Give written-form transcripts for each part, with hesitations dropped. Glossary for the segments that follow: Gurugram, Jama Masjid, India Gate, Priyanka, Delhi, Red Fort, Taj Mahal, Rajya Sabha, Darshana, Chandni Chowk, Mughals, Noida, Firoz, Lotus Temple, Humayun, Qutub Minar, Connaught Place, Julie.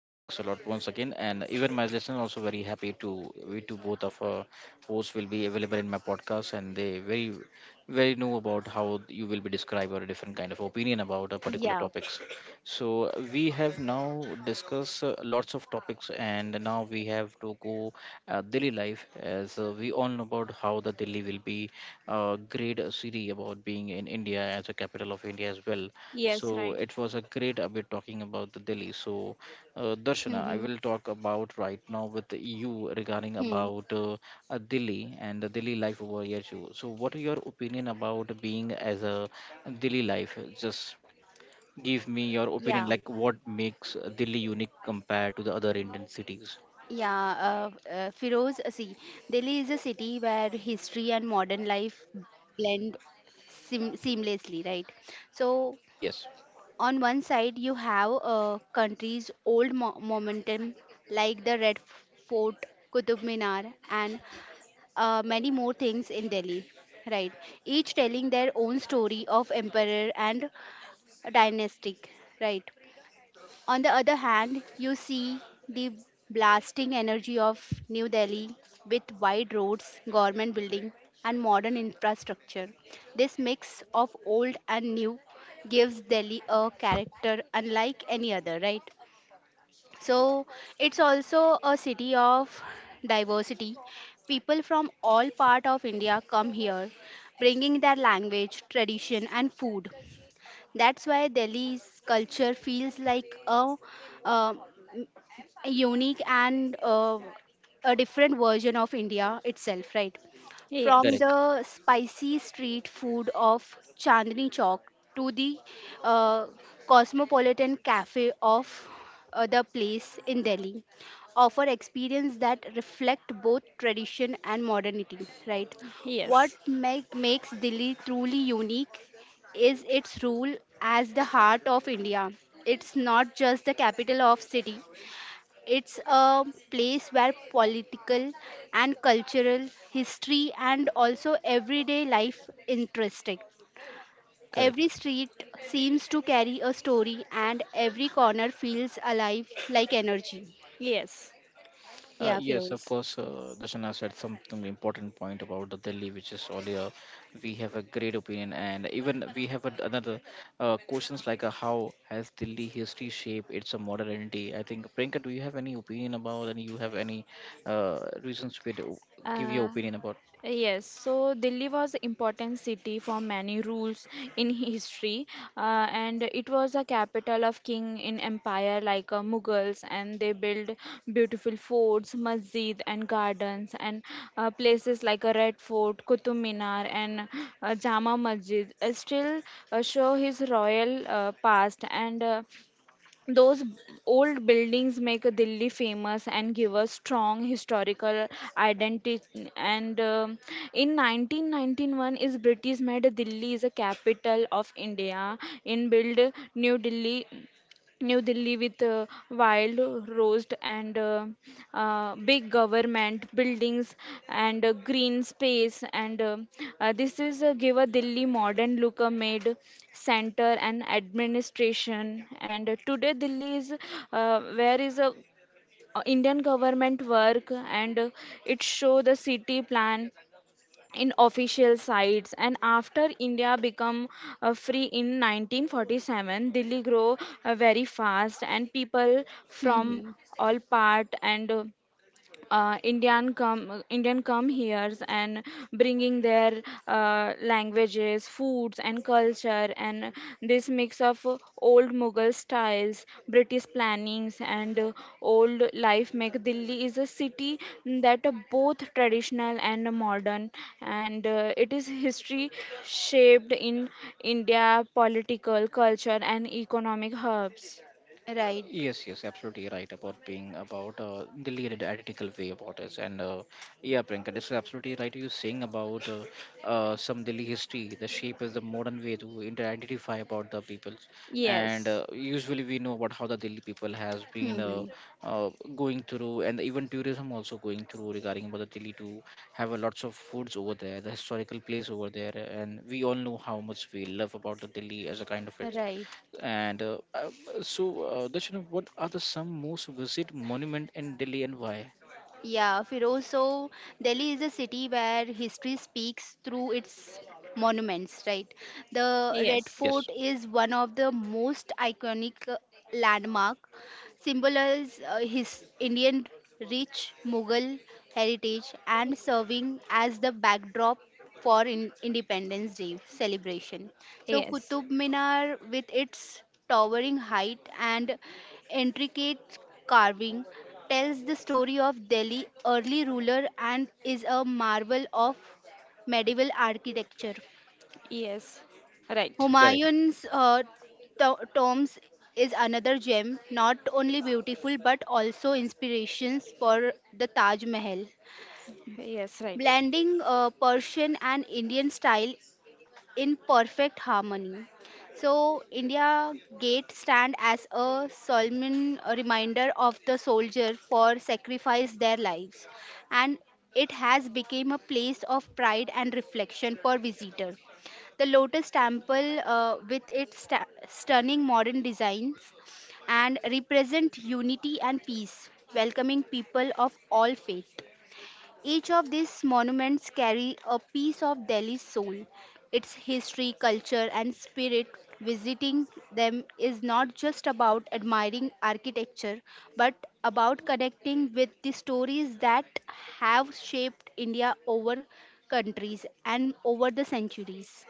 Thanks a lot once again, and even my listeners also very happy to we to both of hosts will be available in my podcast, and they very know about how you will be describe or a different kind of opinion about a particular Yeah. topics. So we have now discussed lots of topics, and now we have to go daily life as we all know about how the Delhi will be great city about being in India as a capital of India as well. Yes, So right. it was a great a bit talking about the Delhi. So Darshana, I hmm will talk about right now with you regarding Hmm. about Delhi and the Delhi life over here. Too. So, what are your opinion about being as a Delhi life? Just give me your opinion, Yeah. like what makes Delhi unique compared to the other Indian cities? Yeah. Uh, Firoz, see, Delhi is a city where history and modern life blend seamlessly, right? So, Yes, on one side, you have a country's old momentum, like the Red Fort, Qutub Minar, and many more things in Delhi, right? Each telling their own story of emperor and dynastic, right? On the other hand, you see the blasting energy of New Delhi with wide roads, government building, and modern infrastructure. This mix of old and new gives Delhi a character unlike any other, right? So it's also a city of diversity. People from all part of India come here, bringing their language, tradition, and food. That's why Delhi's culture feels like um a unique and a different version of India itself, right? From Yes, correct, the spicy street food of Chandni Chowk to the uh, cosmopolitan cafe of the place in Delhi, offer experience that reflect both tradition and modernity, right? What yes, make, makes Delhi truly unique is its rule as the heart of India. It's not just the capital of city, it's a place where political and cultural history and also everyday life interesting. Every correct. street seems to carry a story and every corner feels alive like energy. yes. Yeah, Yes, of Firoz. course. Darshana said something important point about the Delhi, which is earlier. We have a great opinion, and even we have a, another questions like how has Delhi history shaped its modernity? I think Priyanka, do you have any opinion about, and you have any uh, reasons to to give your Uh, opinion about? Yes, so Delhi was an important city for many rules in history, and it was a capital of king in empire like Mughals, and they built beautiful forts, masjid, and gardens, and places like a Red Fort, Qutub Minar, and Jama Masjid still show his royal past, and those b- old buildings make Delhi famous and give us strong historical identity. And In 1991, is British made Delhi is a capital of India. In build New Delhi with wild roast and big government buildings and green space and this is give a Delhi modern look a made center and administration and today Delhi is where is a Indian government work and it show the city plan in official sites, and after india become free in 1947, delhi grow very fast, and people from hmm all part and Indian come here and bringing their languages, foods, and culture, and this mix of old Mughal styles, British plannings, and old life make Delhi is a city that are both traditional and modern, and it is history shaped in India political, culture, and economic hubs. Right. Yes, yes, absolutely right about being about the leaded ethical way about it, and yeah, Priyanka, this is absolutely right. You're saying about some Delhi history. The shape is the modern way to identify about the peoples, and Yes, usually we know about how the Delhi people has been hmm going through, and even tourism also going through regarding about the Delhi to have a lots of foods over there, the historical place over there, and we all know how much we love about the Delhi as a kind of it Right. and so, Darshana, what are the some most visit monument in Delhi and why? Yeah, Firoz. So Delhi is a city where history speaks through its monuments, right? The Red yes, Yes, Fort is one of the most iconic landmark symbolize his Indian rich Mughal heritage and serving as the backdrop for Independence Day celebration. So yes. Qutub Minar with its towering height and intricate carving tells the story of Delhi early ruler and is a marvel of medieval architecture. Yes, right. correct. Humayun's tombs is another gem, not only beautiful but also inspirations for the Taj Mahal. Yes, right. Blending Persian and Indian style in perfect harmony. So, India Gate stand as a solemn reminder of the soldier for sacrifice their lives, and it has become a place of pride and reflection for visitor. The Lotus Temple, with its stunning modern designs, and represent unity and peace, welcoming people of all faith. Each of these monuments carry a piece of Delhi's soul, its history, culture and spirit. Visiting them is not just about admiring architecture but about connecting with the stories that have shaped India over countries and over the centuries.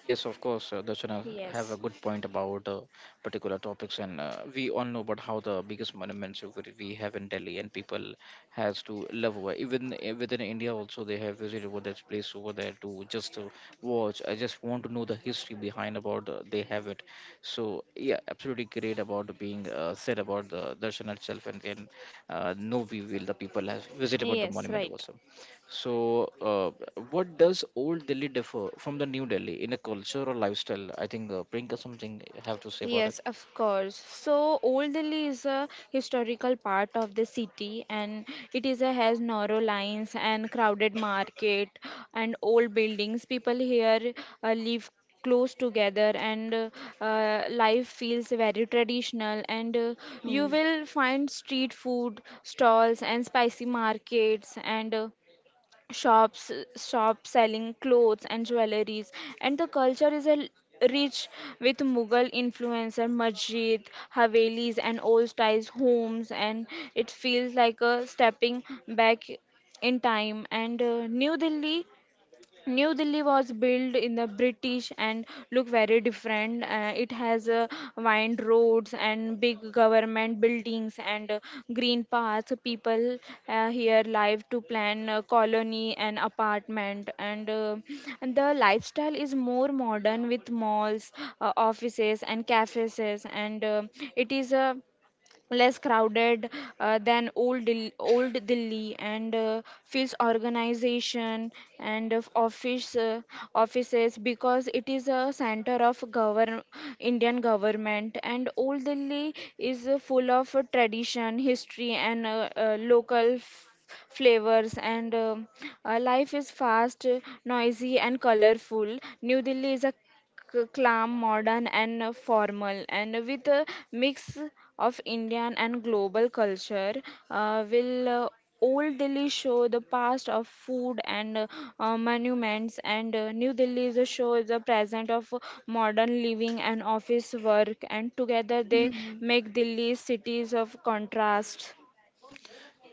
Yes, of course, Darshana have a Yes, good point about particular topics, and we all know about how the biggest monuments of it we have in Delhi, and people has to love over. Even within India, also they have visited over that place over there to just watch. I just want to know the history behind about they have it. So yeah, absolutely great about being said about the Darshan itself, and then no we will the people have visited about the yes, monument right. also. So, what does old Delhi differ from the new Delhi in a culture or lifestyle? I think Priyanka something you have to say about Yes, it. of course. So Old Delhi is a historical part of the city, and it is a has narrow lines and crowded market and old buildings. People here live close together, and life feels very traditional, and you Hmm. will find street food stalls and spicy markets, and shops selling clothes and jewelries, and the culture is a rich with mughal influence, and masjid havelis and old styles homes, and it feels like a stepping back in time. And New Delhi was built in the British and look very different. It has wind roads and big government buildings and green paths. People here live to plan a colony and apartment. And the lifestyle is more modern with malls, offices, and cafes. And It is a less crowded than old Delhi, and feels organization and of office offices, because it is a center of govern Indian government. And old Delhi is full of tradition history and local f- flavors, and life is fast, noisy and colorful. New delhi is a calm, modern, and formal, and with a mix of Indian and global culture, will Old Delhi show the past of food and monuments, and New Delhi is a show the present of modern living and office work, and together they Mhm. make Delhi cities of contrast.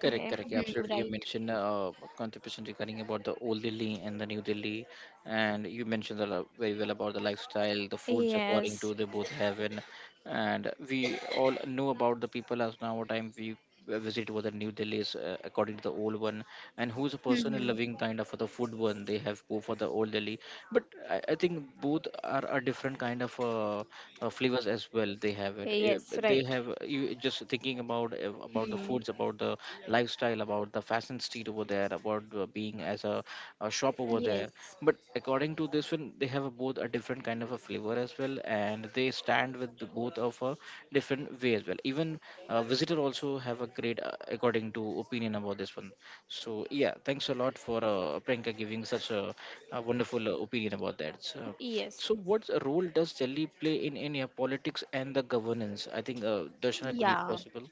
Correct, Yeah. correct. Yeah, Hmm. absolutely. You Right. mentioned contribution regarding about the old Delhi and the new Delhi, and you mentioned a lot very well about the lifestyle, the foods according Yes, to they both heaven, and we all know about the people as now what time we visit what the new Delhi is according to the old one, and who's a person in Mhm. loving kind of for the food one they have go for the old Delhi but I think both are a different kind of flavors as well they have it. Eh, yes, but they right. have you just thinking about eh, about the Hmm. foods, about the lifestyle, about the fashion street over there, about being as a shop over there, Yes. but according to this one they have a, both a different kind of a flavor as well and they stand with the both of a different way as well, even visitor also have a great according to opinion about this one. So yeah, thanks a lot for Priyanka giving such a wonderful opinion about that. So, Yes, so what role does Delhi play in India politics and the governance? I think Darshana, could you Yeah. possible?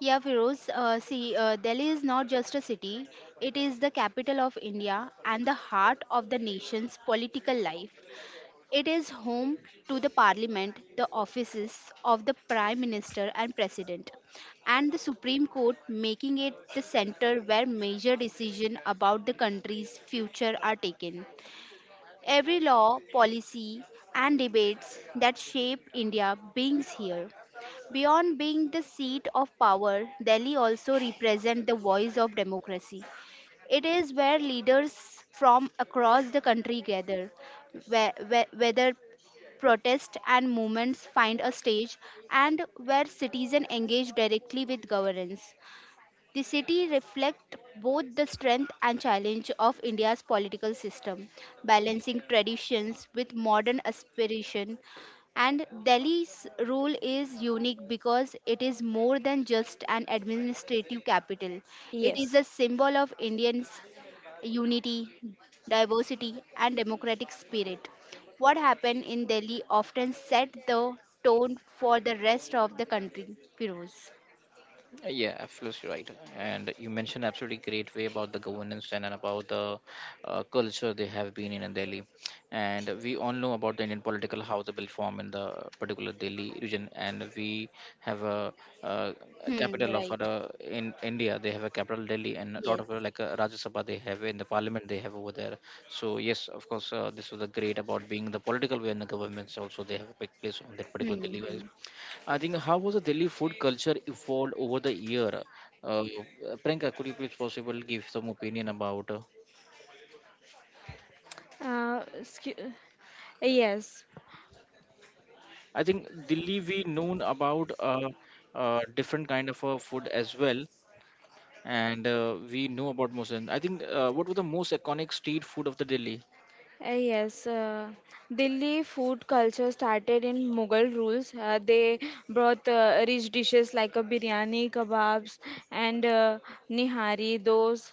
Yeah, Firoz, see, Delhi is not just a city, it is the capital of India and the heart of the nation's political life. It is home to the parliament, the offices of the prime minister and president, and the Supreme Court, making it the center where major decisions about the country's future are taken. Every law, policy, and debates that shape India beings here. Beyond being the seat of power, Delhi also represents the voice of democracy. It is where leaders from across the country gather, whether protests and movements find a stage, and where citizens engage directly with governance. The city reflects both the strength and challenge of India's political system, balancing traditions with modern aspiration. And Delhi's role is unique because it is more than just an administrative capital. It is yes. a symbol of Indians' unity, diversity, and democratic spirit. What happened in Delhi often set the tone for the rest of the country. Firoz. Yeah, absolutely right. And you mentioned absolutely great way about the governance and about the culture they have been in Delhi. And we all know about the Indian political how they will form in the particular Delhi region. And we have uh a Hmm, capital of right. In India. They have a capital Delhi, and a lot Yes. of like Rajya Sabha they have in the Parliament they have over there. So yes, of course, this was a great about being the political way and the governments also they have a big place on that particular Delhi. Mm-hmm. I think how was the Delhi food culture evolved over the year? Uh, Priyanka, could you please possible give some opinion about? Uh, scu- yes, I think Delhi we known about different kind of food as well, and we know about most. And I think what was the most iconic street food of the Delhi? Uh, yes, uh, Delhi food culture started in Mughal rules. They brought rich dishes like a biryani, kebabs, and nihari. Those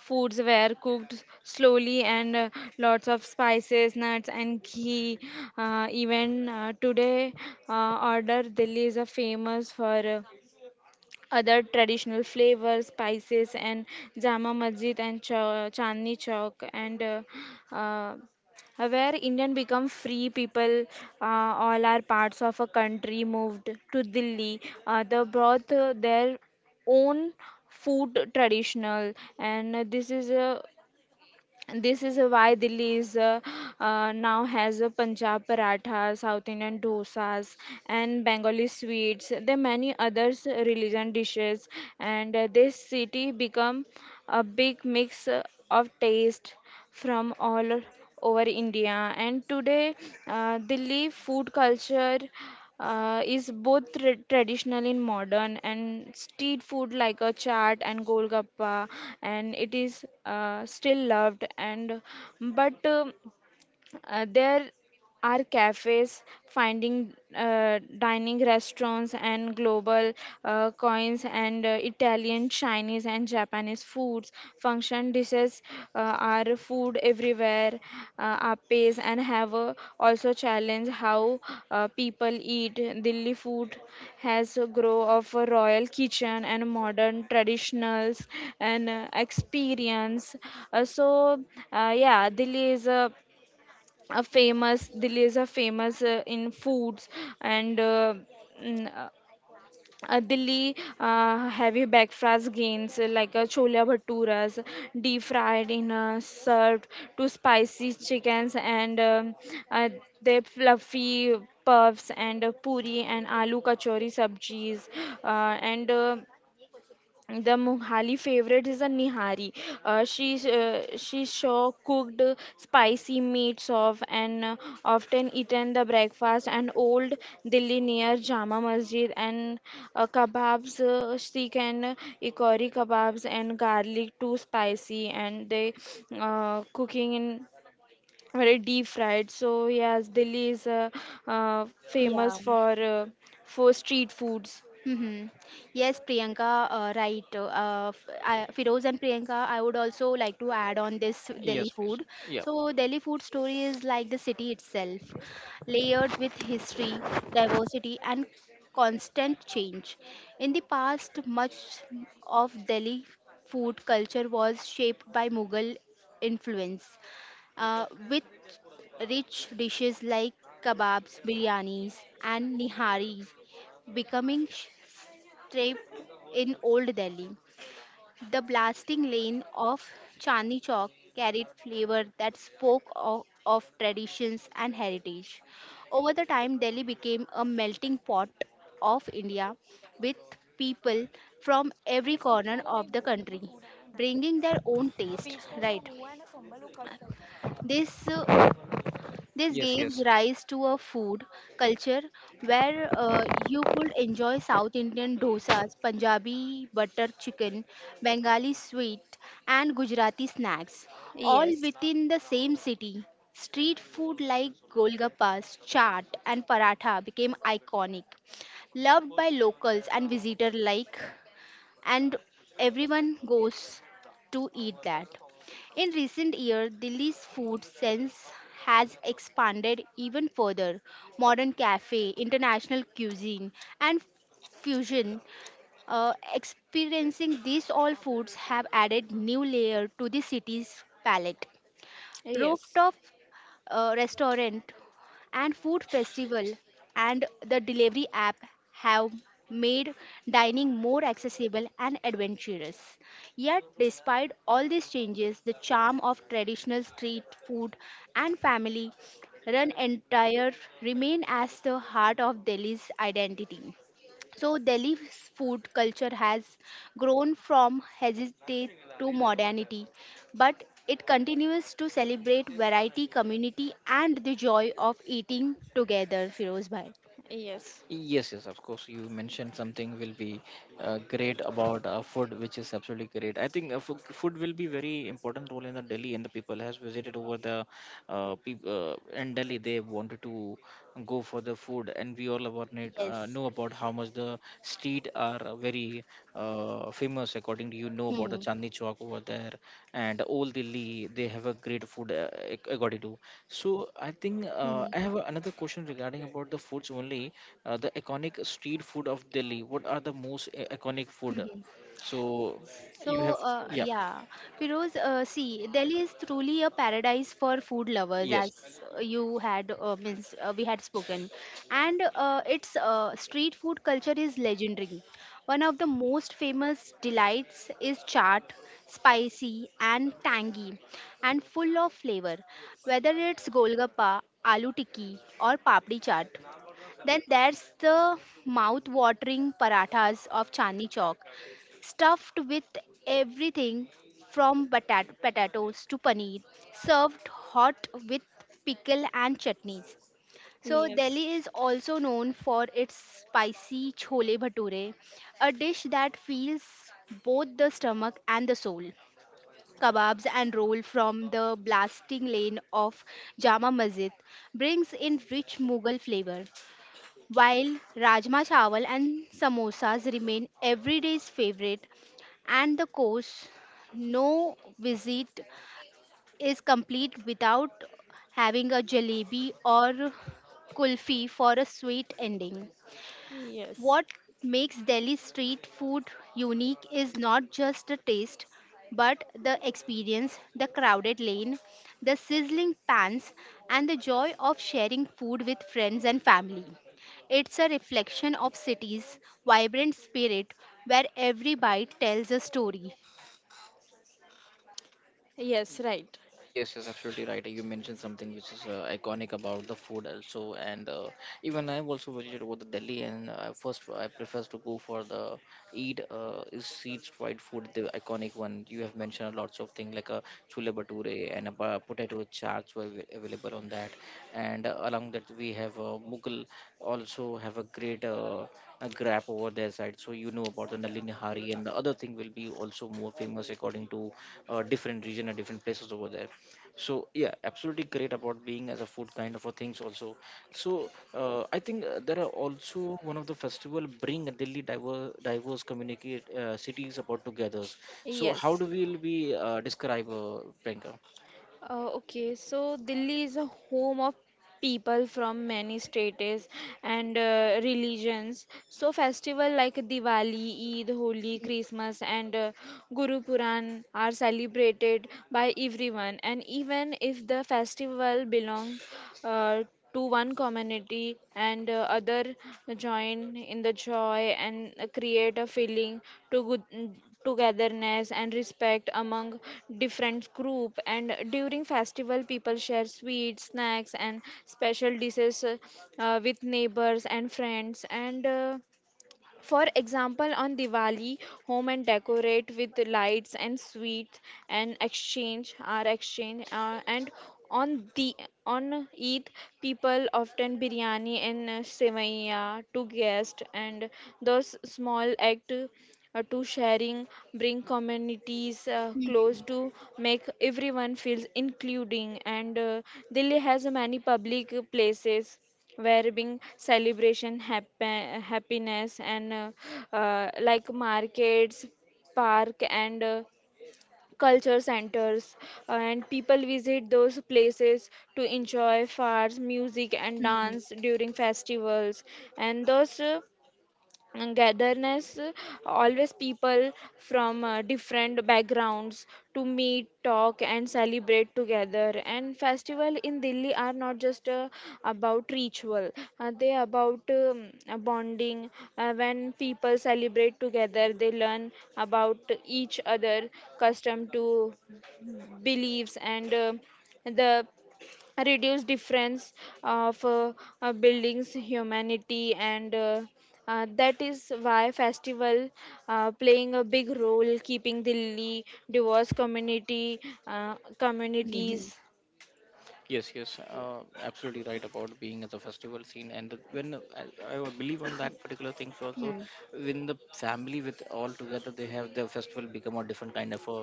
foods were cooked slowly and lots of spices, nuts, and ghee. Even today, order Delhi is famous for other traditional flavors, spices, and Jama Masjid and Chandni Chowk, and uh, where Indian become free people, all are parts of a country moved to Delhi. They brought their own food traditional, and this is a and this is why Delhi is now has a Punjab paratha, South Indian dosas, and Bengali sweets. There are many others religion dishes, and this city become a big mix of taste from all over India. And today, Delhi food culture is both traditional and modern, and street food like a chaat and golgappa, and it is still loved. And but there are cafes, finding dining restaurants, and global coins and Italian, Chinese, and Japanese foods. Function dishes uh, are food everywhere. Apes and have also challenge how people eat. Delhi food has a grow of a royal kitchen and modern traditionals and experience. Uh, so uh, yeah, Delhi is a Delhi is a famous in foods and mm, uh, Delhi heavy breakfast gains like chola bhaturas deep fried in served to spicy chickens and uh, they fluffy puffs and puri and aloo kachori sabjis and the Mughali favorite is a nihari. She saw cooked spicy meat of and often eaten the breakfast and old Delhi near Jama Masjid and kebabs, sikh and ikori kebabs and garlic too spicy, and they cooking in very deep fried. So yes, Delhi is Yeah. famous for street foods. Mm-hmm. Yes, Priyanka, right. Firoz and Priyanka, I would also like to add on this Delhi Yes, please. food. Yeah. So, Delhi food story is like the city itself, layered with history, diversity, and constant change. In the past, much of Delhi food culture was shaped by Mughal influence, with rich dishes like kebabs, biryanis, and niharis becoming strip in Old Delhi. The blasting lane of Chandni Chowk carried flavor that spoke of traditions and heritage. Over the time, Delhi became a melting pot of India with people from every corner of the country bringing their own taste, right? This uh, This Yes, gives yes. rise to a food culture where you could enjoy South Indian dosas, Punjabi butter chicken, Bengali sweet, and Gujarati snacks, all Yes, within the same city. Street food like golgappas, chaat, and paratha became iconic, loved by locals and visitors alike and everyone goes to eat that. In recent years, Delhi's food sense has expanded even further. Modern cafe, international cuisine, and fusion experiencing these all foods have added new layer to the city's palette. yes, Rooftop restaurant and food festival and the delivery app have made dining more accessible and adventurous. Yet, despite all these changes, the charm of traditional street food and family run entire remain as the heart of Delhi's identity. So Delhi's food culture has grown from heritage to modernity, but it continues to celebrate variety, community, and the joy of eating together. Firoz bhai. yes. Yes, yes, of course. You mentioned something will be great about food, which is absolutely great. I think uh, food will be very important role in the Delhi and the people has visited over the peop in Delhi. They wanted to go for the food and we all about it, Yes. know about how much the street are very famous according to you know about the Hmm. Chandni Chowk over there and all Delhi they have a great food according to. So I think I have another question regarding about the foods only, the iconic street food of Delhi, what are the most iconic food? Hmm. So So, you have yeah yeah, Firoz, see, Delhi is truly a paradise for food lovers, yes. as you had means we had spoken, and its street food culture is legendary. One of the most famous delights is chaat, spicy and tangy, and full of flavor. Whether it's golgappa, aloo tikki, or papdi chaat, then there's the mouth-watering parathas of Chandni Chowk stuffed with everything from potatoes to paneer, served hot with pickle and chutneys. So Delhi Yes. is also known for its spicy chole bhature, a dish that fills both the stomach and the soul. Kebabs and roll from the blasting lane of Jama Masjid brings in rich Mughal flavor. While Rajma Chawal and samosas remain everyday's favorite and the course, no visit is complete without having a jalebi or kulfi for a sweet ending. Yes. What makes Delhi street food unique is not just the taste, but the experience, the crowded lane, the sizzling pans, and the joy of sharing food with friends and family. It's a reflection of city's vibrant spirit where every bite tells a story. Yes, right. Yes, yes, absolutely right. You mentioned something which is iconic about the food also, and even I've also visited over the Delhi, and first I prefer to go for the eat is eat fried food, the iconic one. You have mentioned lots of things like a chule bature and a potato chaats were available on that, and along that we have Mughal also have a great a grab over their side. So you know about the Nalini Hari and the other thing will be also more famous according to different region and different places over there. So yeah absolutely great about being as a food kind of a things also. So I think there are also one of the festival bring a delhi diverse communicate cities about together. So how Yes. do we will be describe Priyanka? Okay, so Delhi is a home of people from many states and religions. So festival like Diwali, Eid, Holi, Christmas and Guru Puran are celebrated by everyone, and even if the festival belong uh, to one community and other join in the joy and create a feeling to good togetherness and respect among different group, and during festival people share sweets snacks and special dishes with neighbors and friends, and for example, on Diwali, home and decorate with lights and sweets and exchange and on the on Eid, people often biryani and sevaiya to guest, and those small act to sharing, bring communities Mhm, close to make everyone feels including. And Delhi has many public places where being celebration, happen, happiness, and like markets, park, and culture centers and people visit those places to enjoy fairs music and mhm, dance during festivals. And those uh, and Gatherness, always people from different backgrounds to meet, talk, and celebrate together. And festival in Delhi are not just about ritual; they about bonding. When people celebrate together, they learn about each other, custom to beliefs, and the reduce difference of buildings humanity and that is why festival playing a big role keeping Delhi diverse community mhm, communities. Yes, yes, absolutely right about being at the festival scene. And the- when uh, I would believe on that particular thing, so also mhm. when the family with all together, they have the festival become a different kind of a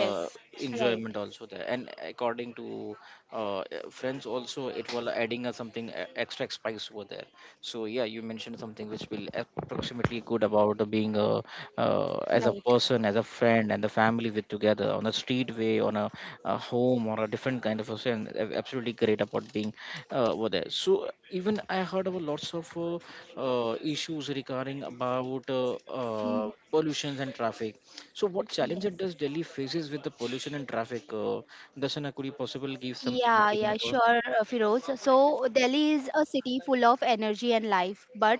Right, enjoyment also there. And according to uh, friends also, it will adding a something extra spice over there. So yeah, you mentioned something which will approximately good about being a as a right. person, as a friend, and the family with together together on a street way, on a home, or a different kind of a thing. Absolutely great about being over there. So even I heard about lots of issues regarding about uh, pollutions and traffic. So what challenges does Yes. Delhi faces with the pollution and traffic? Dashana, could you possibly give something Yeah, yeah, opinion about? sure, Firoz. So Delhi is a city full of energy and life, but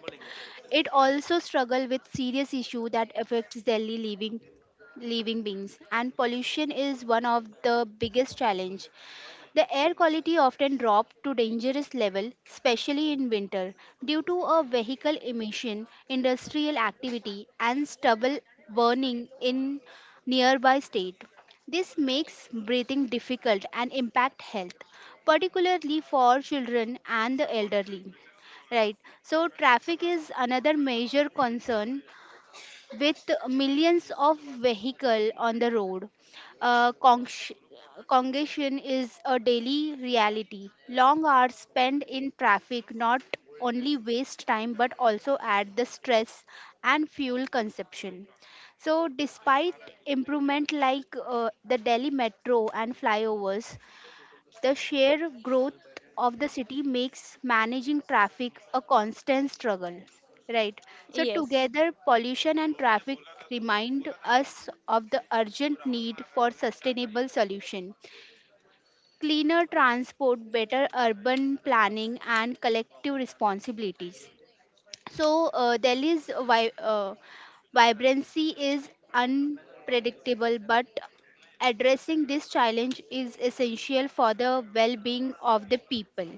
it also struggle with serious issue that affects Delhi living beings, and pollution is one of the biggest challenge. The air quality often drops to dangerous level, especially in winter, due to a vehicle emission, industrial activity, and stubble burning in nearby state. This makes breathing difficult and impact health, particularly for children and the elderly. Right. So traffic is another major concern with millions of vehicles on the road. Uh, consh- Congestion is a daily reality. Long hours spent in traffic not only waste time but also add the stress and fuel consumption. So, despite improvement like the Delhi metro and flyovers, the sheer growth of the city makes managing traffic a constant struggle. Right. So, Yes, together, pollution and traffic remind us of the urgent need for sustainable solution. Cleaner transport, better urban planning, and collective responsibilities. So Delhi's vibrancy is unpredictable, but addressing this challenge is essential for the well-being of the people.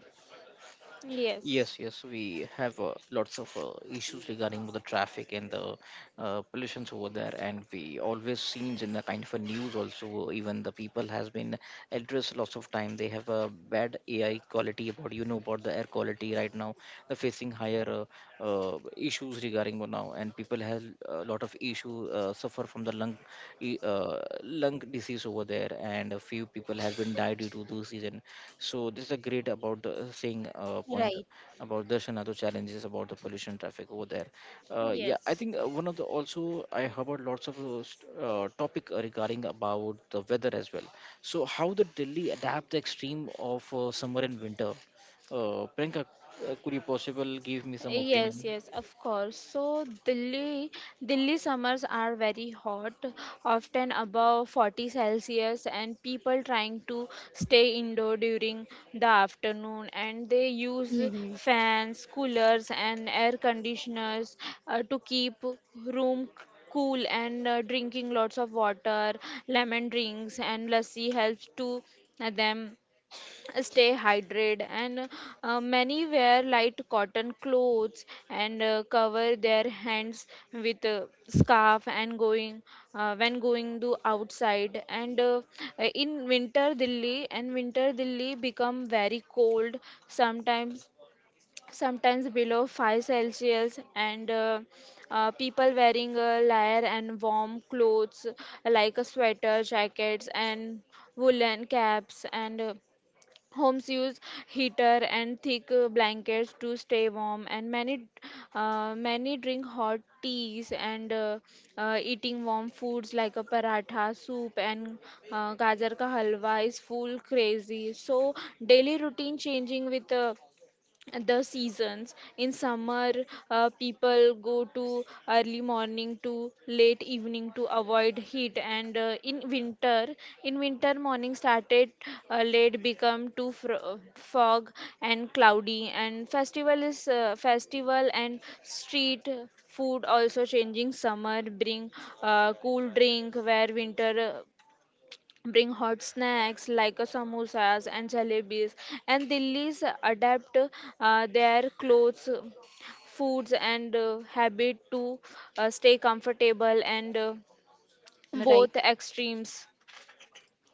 yes. Yes, yes, we have lots of issues regarding the traffic and the pollutions over there, and we always seen in the kind of a news also. Even the people has been addressed lots of time. They have a bad AI quality about you know about the air quality right now. They're facing higher issues regarding one now, and people have a lot of issue suffer from the lung disease over there, and a few people has been died due to this reason. So this is a great about the saying point Right. about there's another challenges about the pollution traffic over there. Yeah, I Yes. think one of the also I heard lots of topic regarding about the weather as well. So how the Delhi adapt the extreme of summer and winter? Priyanka, could you possible give me some opinion? Yes, yes, of course. Delhi summers are very hot, often above 40 Celsius, and people trying to stay indoor during the afternoon, and they use hmm fans, coolers, and air conditioners to keep room cool, and drinking lots of water, lemon drinks, and lassi helps to them stay hydrated, and many wear light cotton clothes and cover their hands with a scarf and going when going to outside. And in winter delhi and winter delhi become very cold, sometimes sometimes below 5 celsius, and people wearing a layer and warm clothes like a sweater jackets and woolen caps, and Homes use heater and thick blankets to stay warm, and many drink hot teas and eating warm foods like a paratha, soup, and gajar ka halwa is full crazy. So daily routine changing with the seasons. In summer people go to early morning to late evening to avoid heat, and in winter morning started late become too fog and cloudy, and festival is festival and street food also changing, summer bring cool drink where winter bring hot snacks like samosas and jalebis, and Delhi's adapt their clothes foods and habit to stay comfortable and Mm, right. both extremes.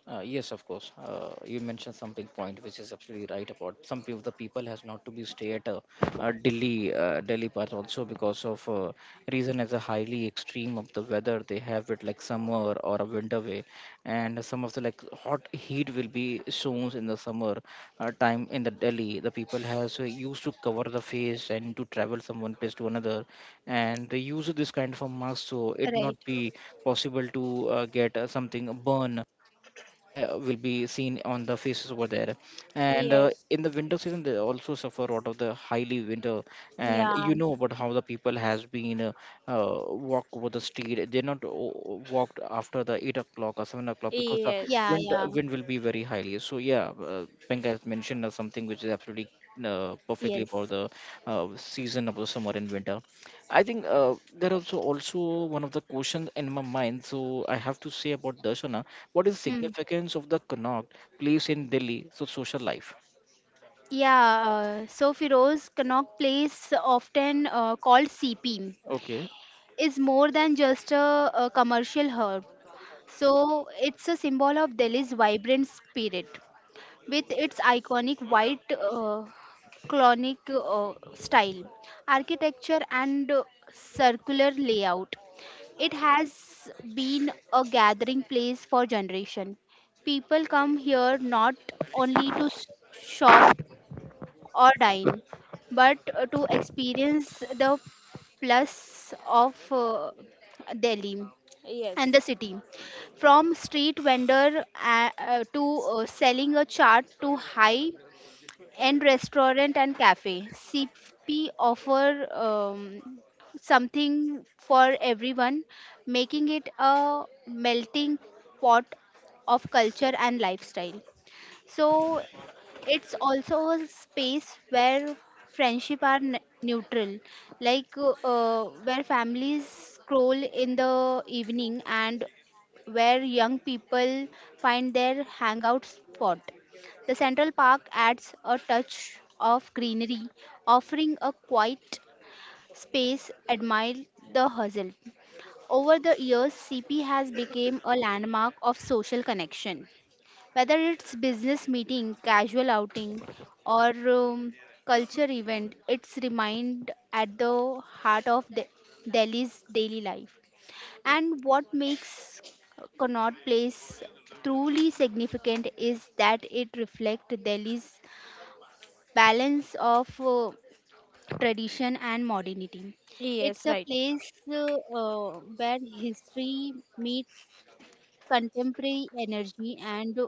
Yes, of course. You mentioned something point which is absolutely right about some of the people has not to be stay at a, Delhi Delhi part also because of reason as a highly extreme of the weather they have it like summer or a winter way, and some of the like hot heat will be soon in the summer time in the Delhi. The people has used to cover the face and to travel from one place to another, and they use this kind of a mask so it not Right. be possible to get something burn will be seen on the faces over there, and Yes. in the winter season they also suffer out of the highly winter, and Yeah. you know about how the people has been walk over the street they're not walked after the 8 o'clock or 7 o'clock because the Yeah, Yes. wind yeah, wind will be very highly. So yeah Penka has mentioned something which is absolutely perfectly about yes. the season of the summer and winter. I think there also also one of the questions in my mind so I have to say about Darshana, what is the Hmm. significance of the Connaught Place in Delhi so social life? Yeah, so Firoz, Connaught Place, often called CP, Okay. is more than just a commercial hub. So it's a symbol of Delhi's vibrant spirit, with its iconic white clonic style, architecture, and circular layout. It has been a gathering place for generation. People come here not only to shop or dine, but to experience the plus of Delhi and the Yes. city, from street vendor to selling a chart, to high end restaurant and cafe. CP offer um, something for everyone, making it a melting pot of culture and lifestyle. So it's also a space where friendship are neutral, like where families scroll in the evening and where young people find their hangout spot. The central park adds a touch of greenery, offering a quiet space admire the hustle. Over the years, CP has become a landmark of social connection, whether it's business meeting, casual outing, or culture event. It's remind at the heart of Delhi's daily life. And what makes Connaught Place truly significant is that it reflects Delhi's balance of tradition and modernity. It's Yes. a Right. place where history meets contemporary energy and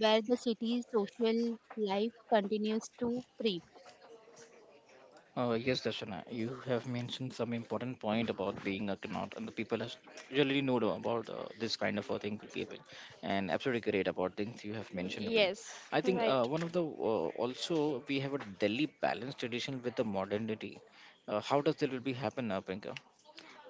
where the city's social life continues to thrive. Yes, Darshana, you have mentioned some important point about being a Connaught, and the people has really know the- about this kind of a thing, people, and absolutely great about things you have mentioned about it. Yes. I think one of the also we have a Delhi balanced tradition with the modernity. How does that will be happen, Priyanka?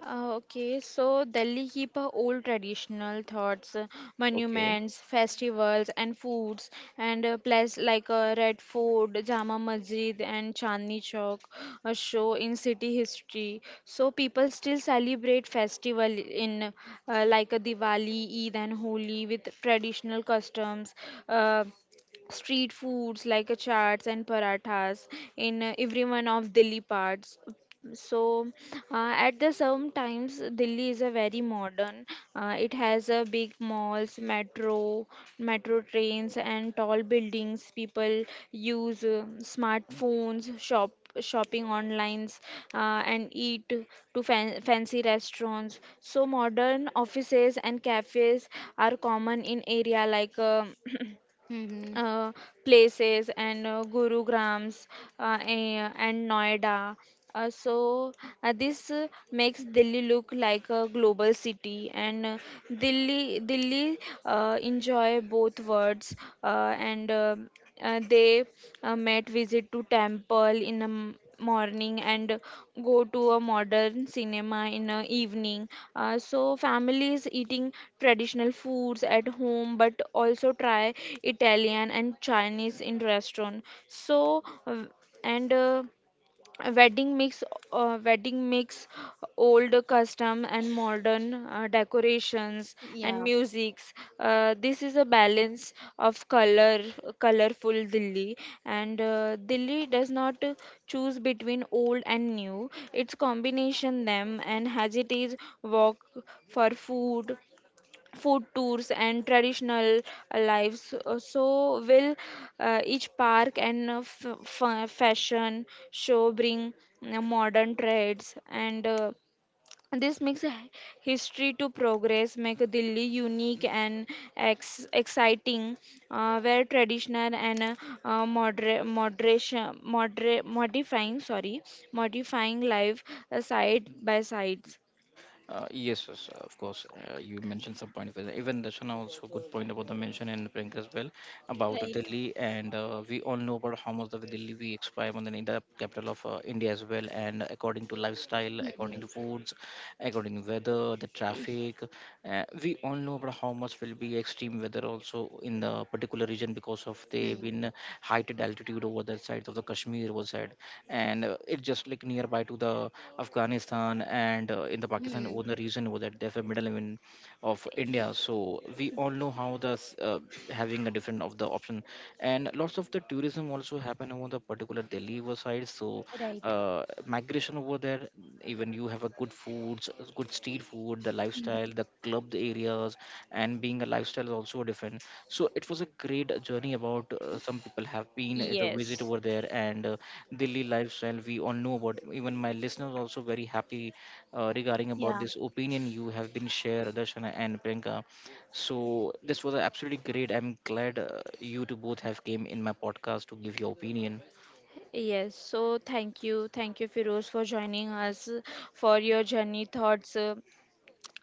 Okay, so Delhi keep a old traditional thoughts, monuments, festivals, and foods, and places like Red Fort, Jama Masjid, and Chandni Chowk show in city history. So people still celebrate festival in like a Diwali, Eid, and Holi with traditional customs. Uh, street foods like chaats and parathas in every one of Delhi parts. So, uh, at the same times, Delhi is a very modern. It has a big malls, metro trains, and tall buildings. People use smartphones, shopping online, uh, and eat to fancy restaurants. So modern offices and cafes are common in area like. Mm-hmm. uh, places and Gurugrams and Noida. Uh, so this makes Delhi look like a global city, and Delhi Delhi enjoy both worlds and they might visit to temple in the morning and go to a modern cinema in the evening, so families eating traditional foods at home but also try italian and chinese in restaurant. So and wedding mix wedding mix old custom and modern decorations and Yeah. musics. This is a balance of colorful delhi, and delhi does not choose between old and new, it's combination them and heritage walk for food tours and traditional lives. So will each park and fashion show bring modern trends, and this makes history to progress make delhi unique and exciting where traditional and modera- moderation modera- modifying sorry modifying life side by sides. Yes, yes, of course. You mentioned some point of. Even Darshana also good point about the mention, and Priyanka as well about Right. Delhi, and we all know about how much the Delhi we expire on the in the capital of India as well. And according to lifestyle, according to foods, according to weather, the Y- traffic. We all know about how much will be extreme weather also in the particular region because of they Hmm. been heighted altitude over that side of the Kashmir was side, and it just like nearby to the Afghanistan and in the Pakistan over Hmm. the region over that there's a middle even of India. So we all know how the having a different of the option and lots of the tourism also happen over the particular Delhi over side. So Right. Migration over there, even you have a good foods, good street food, the Mhm. lifestyle, the club areas, and being a lifestyle is also different. So it was a great journey about some people have been the visit yes. over there, and Delhi lifestyle we all know about. Even my listeners also very happy regarding about Yeah. this opinion you have been shared, Darshan and Priyanka. So this was absolutely great. I'm glad you two both have came in my podcast to give your opinion. Yes, so thank you. Thank you, Firoz, for joining us for your journey thoughts,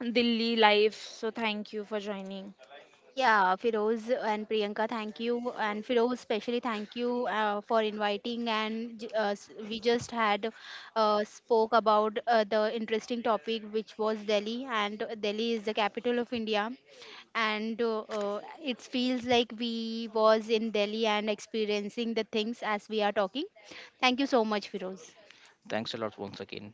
Delhi life. So thank you for joining. Yeah, Firoz and Priyanka, thank you. And Firoz, especially thank you for inviting. And we just had spoke about the interesting topic, which was Delhi. And Delhi is the capital of India. And it feels like we was in Delhi and experiencing the things as we are talking. Thank you so much, Firoz. Thanks a lot once again.